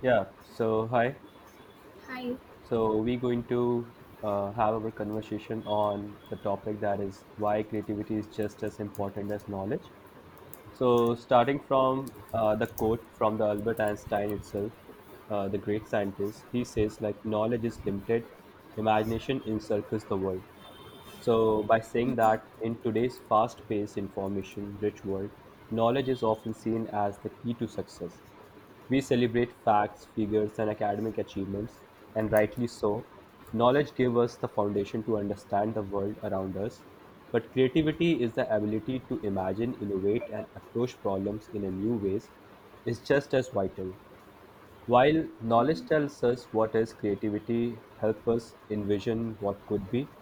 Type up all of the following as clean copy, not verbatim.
Yeah, so hi. Hi. So we're going to have our conversation on the topic that is why creativity is just as important as knowledge. So starting from the quote from the Albert Einstein itself, the great scientist, he says like knowledge is limited, imagination encircles the world. So, by saying that in today's fast paced, information rich world, knowledge is often seen as the key to success. We celebrate facts, figures, and academic achievements, and rightly so. Knowledge gives us the foundation to understand the world around us, but creativity is the ability to imagine, innovate, and approach problems in a new ways is just as vital. While knowledge tells us what is, creativity helps us envision what could be.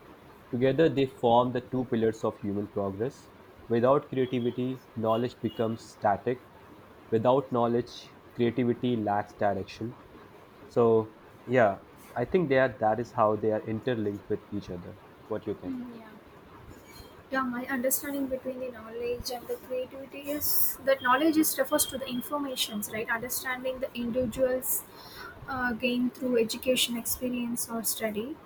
Together, they form the two pillars of human progress. Without creativity, knowledge becomes static. Without knowledge, creativity lacks direction. So, yeah, I think they are, that is how they are interlinked with each other. What do you think? Yeah. Yeah, my understanding between the knowledge and the creativity is that knowledge is refers to the informations, right? Understanding the individuals gain through education, experience, or study.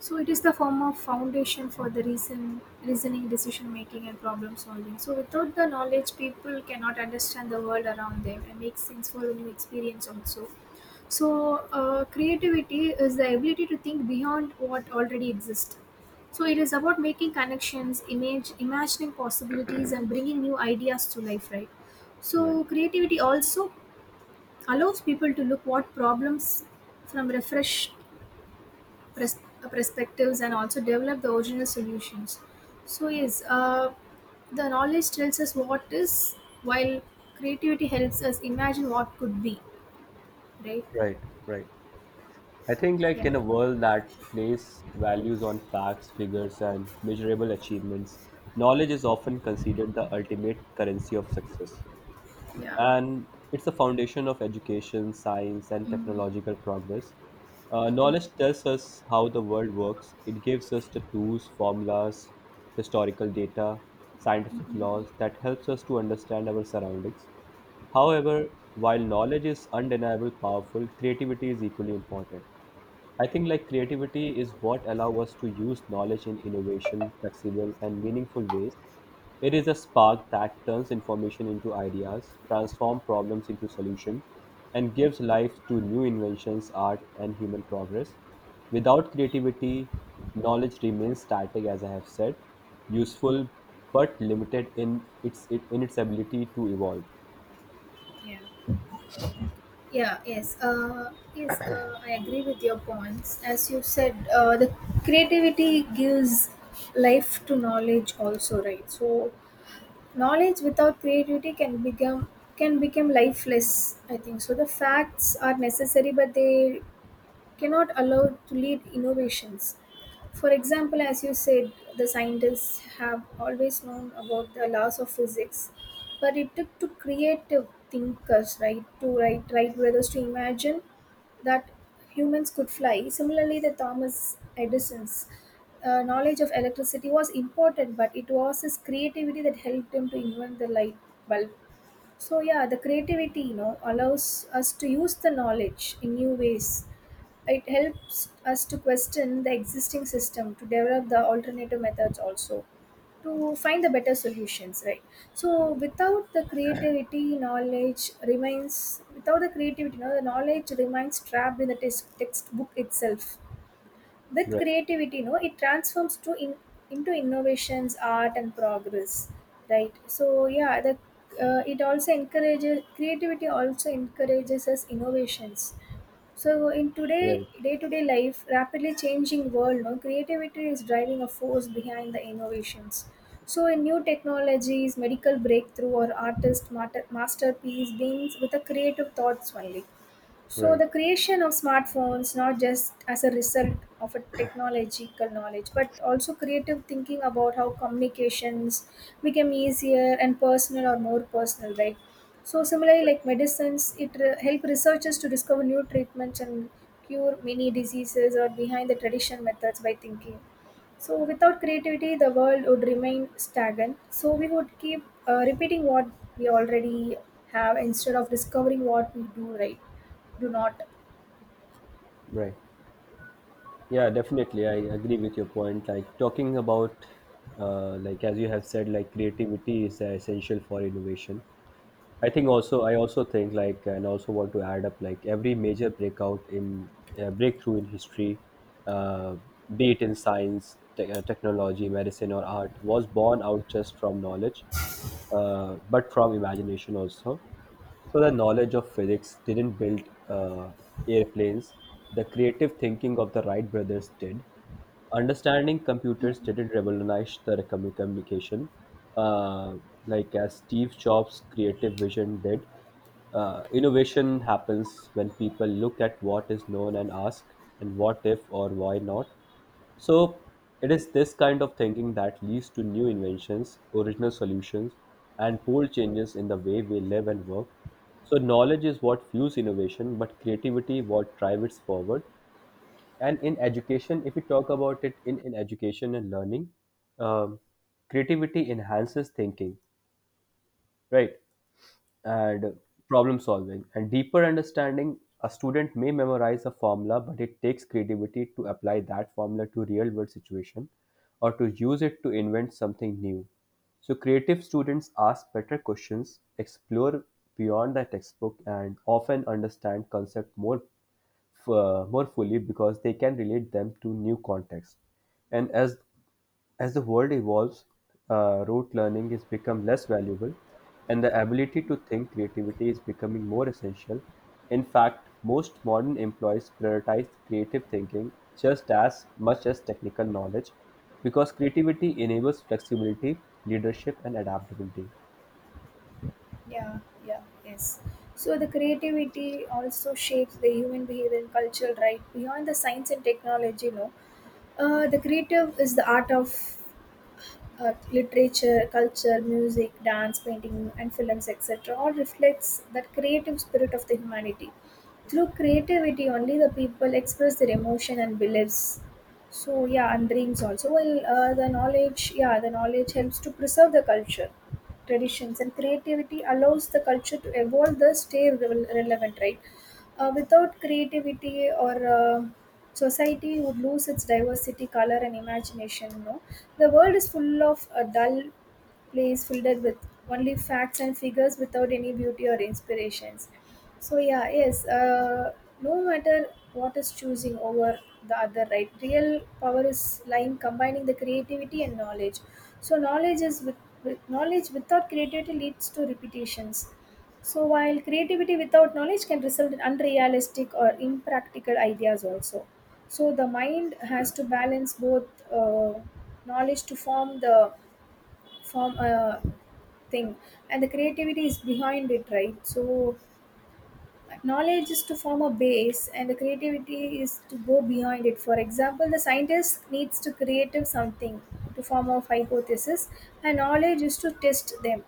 So it is the form of foundation for the reasoning, decision making, and problem solving. So without the knowledge, people cannot understand the world around them and make sense for the new experience also. So, creativity is the ability to think beyond what already exists. So it is about making connections, imagining possibilities, and bringing new ideas to life, right? Right, So creativity also allows people to look what problems from refreshed perspectives and also develop the original solutions. So yes, the knowledge tells us what is, while creativity helps us imagine what could be, right? right, right. I think, like, Yeah. in a world that places values on facts, figures, and measurable achievements, knowledge is often considered the ultimate currency of success. Yeah. And it's the foundation of education, science, and Mm, technological progress. Knowledge tells us how the world works, it gives us the tools, formulas, historical data, scientific laws that helps us to understand our surroundings. However, while knowledge is undeniably powerful, creativity is equally important. I think like creativity is what allow us to use knowledge in innovation, flexible and meaningful ways. It is a spark that turns information into ideas, transforms problems into solutions, and gives life to new inventions, art, and human progress. Without creativity, knowledge remains static, as I have said, useful but limited in its ability to evolve. yeah. Yeah, yes, I agree with your points. As you said, the creativity gives life to knowledge also, right? So knowledge without creativity can become lifeless. I think so. The facts are necessary, but they cannot allow to lead innovations. For example, as you said, the scientists have always known about the laws of physics, but it took to creative thinkers, right, to write right brothers to imagine that humans could fly. Similarly, the Thomas Edison's knowledge of electricity was important, but it was his creativity that helped him to invent the light bulb. So yeah, the creativity, allows us to use the knowledge in new ways. It helps us to question the existing system, to develop the alternative methods also, to find the better solutions, right? So without the creativity, knowledge remains, without the creativity, no, the knowledge remains trapped in the textbook itself. With Right, creativity, no, it transforms into innovations, art and progress, right? So yeah, the it also encourages creativity, also encourages us innovations. So in today right, day-to-day life, rapidly changing world, no, creativity is driving a force behind the innovations. So in new technologies, medical breakthrough or artist masterpiece beings with a creative thoughts only. So right, the creation of smartphones not just as a result of a technological knowledge, but also creative thinking about how communications became easier and personal or more personal, right? So similarly, like medicines, it help researchers to discover new treatments and cure many diseases or behind the traditional methods by thinking. So without creativity, the world would remain stagnant. So we would keep repeating what we already have instead of discovering what we do right. Do not. right. Yeah, definitely. I agree with your point. Like talking about, like as you have said, like creativity is essential for innovation. I also think like and also want to add up like every major breakout in breakthrough in history, uh, be it in science, technology, medicine, or art, was born out just from knowledge, but from imagination also. So the knowledge of physics didn't build uh, airplanes. The creative thinking of the Wright brothers did understanding computers didn't revolutionize the communication uh, like as Steve Jobs creative vision did innovation happens when people look at what is known and ask and what if or why not, so it is this kind of thinking that leads to new inventions, original solutions, and bold changes in the way we live and work. So knowledge is what fuels innovation, but creativity what drives it forward. And in education, if we talk about it, in education and learning, um, creativity enhances thinking, right, and problem solving and deeper understanding. A student may memorize a formula, but it takes creativity to apply that formula to real world situation, or to use it to invent something new. So creative students ask better questions, explore beyond the textbook, and often understand concept more more fully because they can relate them to new context. And as the world evolves, rote learning is become less valuable, and the ability to think creativity is becoming more essential. In fact, most modern employees prioritize creative thinking just as much as technical knowledge because creativity enables flexibility, leadership, and adaptability. Yeah, yeah, yes. So the creativity also shapes the human behavior and culture, right? Beyond the science and technology, no. The creative is the art of literature, culture, music, dance, painting, and films, etc., all reflects that creative spirit of the humanity. Through creativity, only the people express their emotion and beliefs. So yeah, and dreams also. Well, yeah, the knowledge helps to preserve the culture, traditions, and creativity allows the culture to evolve, thus stay relevant, right? Without creativity, or society would lose its diversity, color and imagination. No, the world is full of a dull place filled with only facts and figures without any beauty or inspirations. So yeah, yes. No matter what is choosing over the other, right? Real power is lying combining the creativity and knowledge. So with knowledge without creativity leads to repetitions. So, while creativity without knowledge can result in unrealistic or impractical ideas, also. So, the mind has to balance both uh, knowledge to form a thing, and the creativity is behind it, right? So, knowledge is to form a base, and the creativity is to go behind it. For example, the scientist needs to create something to form a hypothesis, and knowledge is to test them.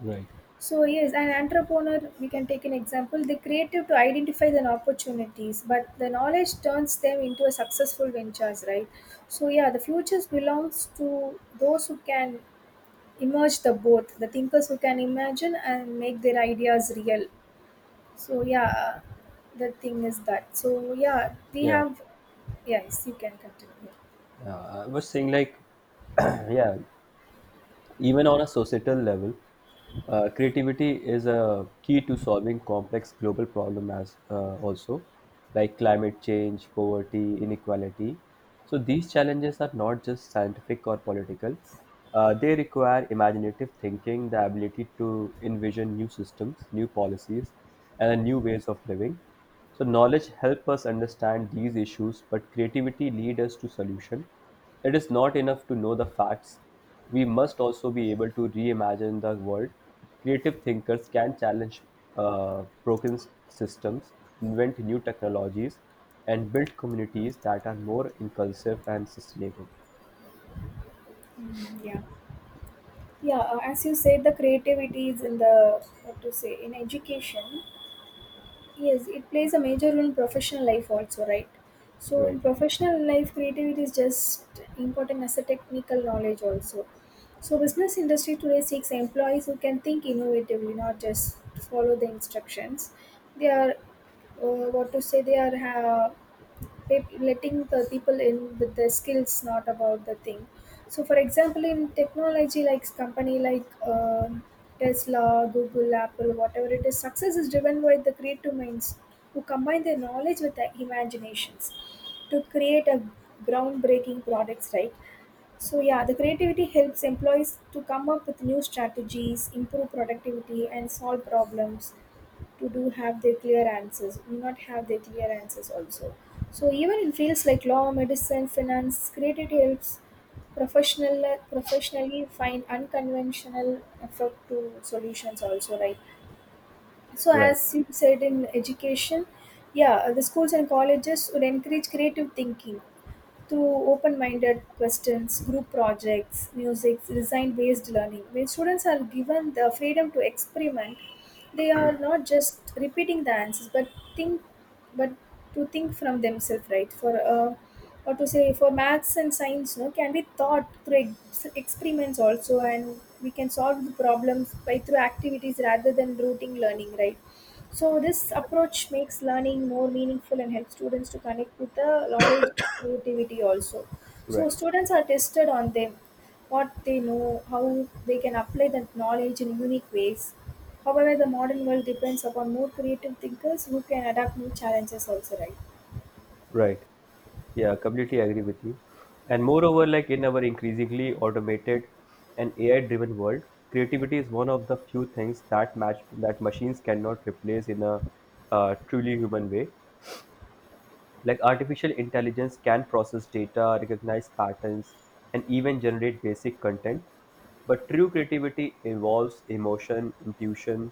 Right. So yes, an entrepreneur, we can take an example, the creative to identify the opportunities, but the knowledge turns them into a successful ventures, right? So yeah, the futures belongs to those who can emerge the both, the thinkers who can imagine and make their ideas real. So yeah, the thing is that. So yeah, we Yeah, have, yes, you can continue. yeah. I was saying like, yeah. Even on a societal level, creativity is a key to solving complex global problems as also like climate change, poverty, inequality. So these challenges are not just scientific or political. They require imaginative thinking, the ability to envision new systems, new policies, and new ways of living. So knowledge help us understand these issues, but creativity lead us to solution. It is not enough to know the facts. We must also be able to reimagine the world. Creative thinkers can challenge broken systems, invent new technologies, and build communities that are more inclusive and sustainable. Yeah. Yeah, as you said, the creativity is in the what to say in education. Yes, it plays a major role in professional life also, right? So in Right, professional life creativity is just important as a technical knowledge also. So business industry today seeks employees who can think innovatively, not just follow the instructions. They are uh, what to say they are letting the people in with the skills not about the thing. So for example in technology, like company like um Tesla, Google, Apple, whatever it is, success is driven by the creative minds who combine their knowledge with their imaginations to create a groundbreaking products, right? So yeah, the creativity helps employees to come up with new strategies, improve productivity, and solve problems. To do have their clear answers Do not have their clear answers also. So even in fields like law, medicine, finance, creative helps professional professionally find unconventional effort to solutions also, right? So right, as you said in education, yeah, the schools and colleges would encourage creative thinking through open-minded questions, group projects, music, design-based learning. When students are given the freedom to experiment, they are not just repeating the answers, think, but to think from themselves, right? For or to say for maths and science, no, can be taught through experiments also, and we can solve the problems by through activities rather than routine learning, right? So this approach makes learning more meaningful and helps students to connect with the knowledge creativity also. So right. students are tested on them, what they know, how they can apply that knowledge in unique ways. However, the modern world depends upon more creative thinkers who can adapt new challenges also, right? Right. Yeah, completely agree with you. And moreover, like in our increasingly automated and AI-driven world, creativity is one of the few things that match that machines cannot replace in a truly human way. Like artificial intelligence can process data, recognize patterns, and even generate basic content, but true creativity involves emotion, intuition,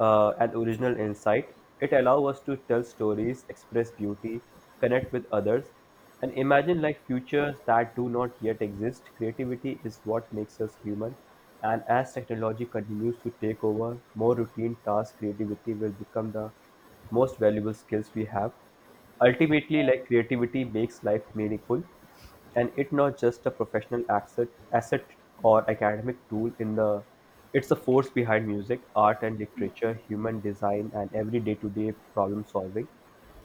and original insight. It allows us to tell stories, express beauty, connect with others, and imagine like futures that do not yet exist. Creativity is what makes us human, and as technology continues to take over more routine tasks, creativity will become the most valuable skills we have. Ultimately, like creativity makes life meaningful, and it's not just a professional asset or academic tool. It's the force behind music, art, and literature, human design, and every day-to-day problem solving.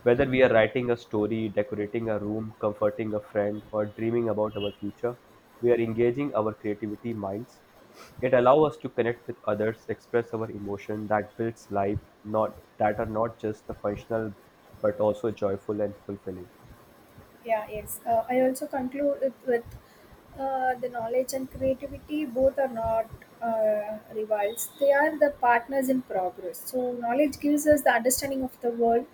Whether we are writing a story, decorating a room, comforting a friend, or dreaming about our future, we are engaging our creativity minds. It allows us to connect with others, express our emotion that builds life, not that are not just the functional but also joyful and fulfilling. Yeah, yes. I also conclude it with the knowledge and creativity. Both are not rivals; they are the partners in progress. So, knowledge gives us the understanding of the world,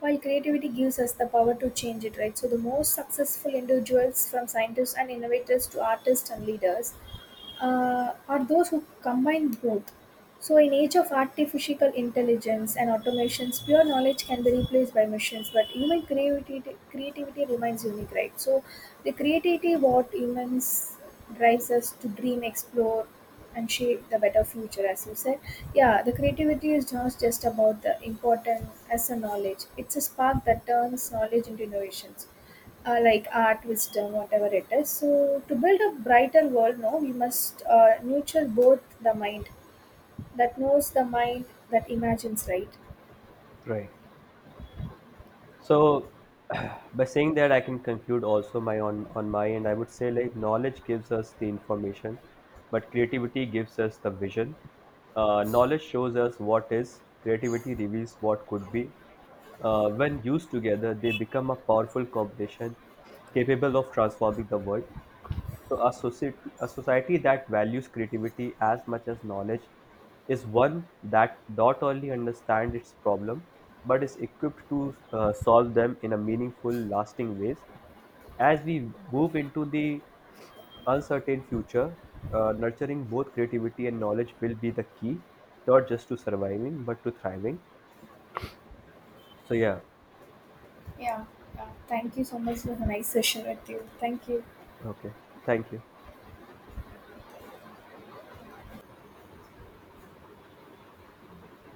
while creativity gives us the power to change it. Right. So, the most successful individuals, from scientists and innovators to artists and leaders, are those who combine both. So, in age of artificial intelligence and automations, pure knowledge can be replaced by machines, but human creativity remains unique, right? So, the creativity what humans drives us to dream, explore, and shape the better future, as you said. Yeah, the creativity is not just about the important as a knowledge; it's a spark that turns knowledge into innovations, like art, wisdom, whatever it is. So, to build a brighter world, no, we must nurture both the mind that knows the mind that imagines, right? Right. So, by saying that, I can conclude also my on my end. I would say like knowledge gives us the information, but creativity gives us the vision. Knowledge shows us what is. Creativity reveals what could be. When used together, they become a powerful combination capable of transforming the world. So a society that values creativity as much as knowledge is one that not only understands its problem but is equipped to solve them in a meaningful, lasting ways. As we move into the uncertain future, nurturing both creativity and knowledge will be the key, not just to surviving but to thriving. So yeah, Yeah. Yeah. Thank you so much. It was a nice session with you. Thank you. okay, thank you.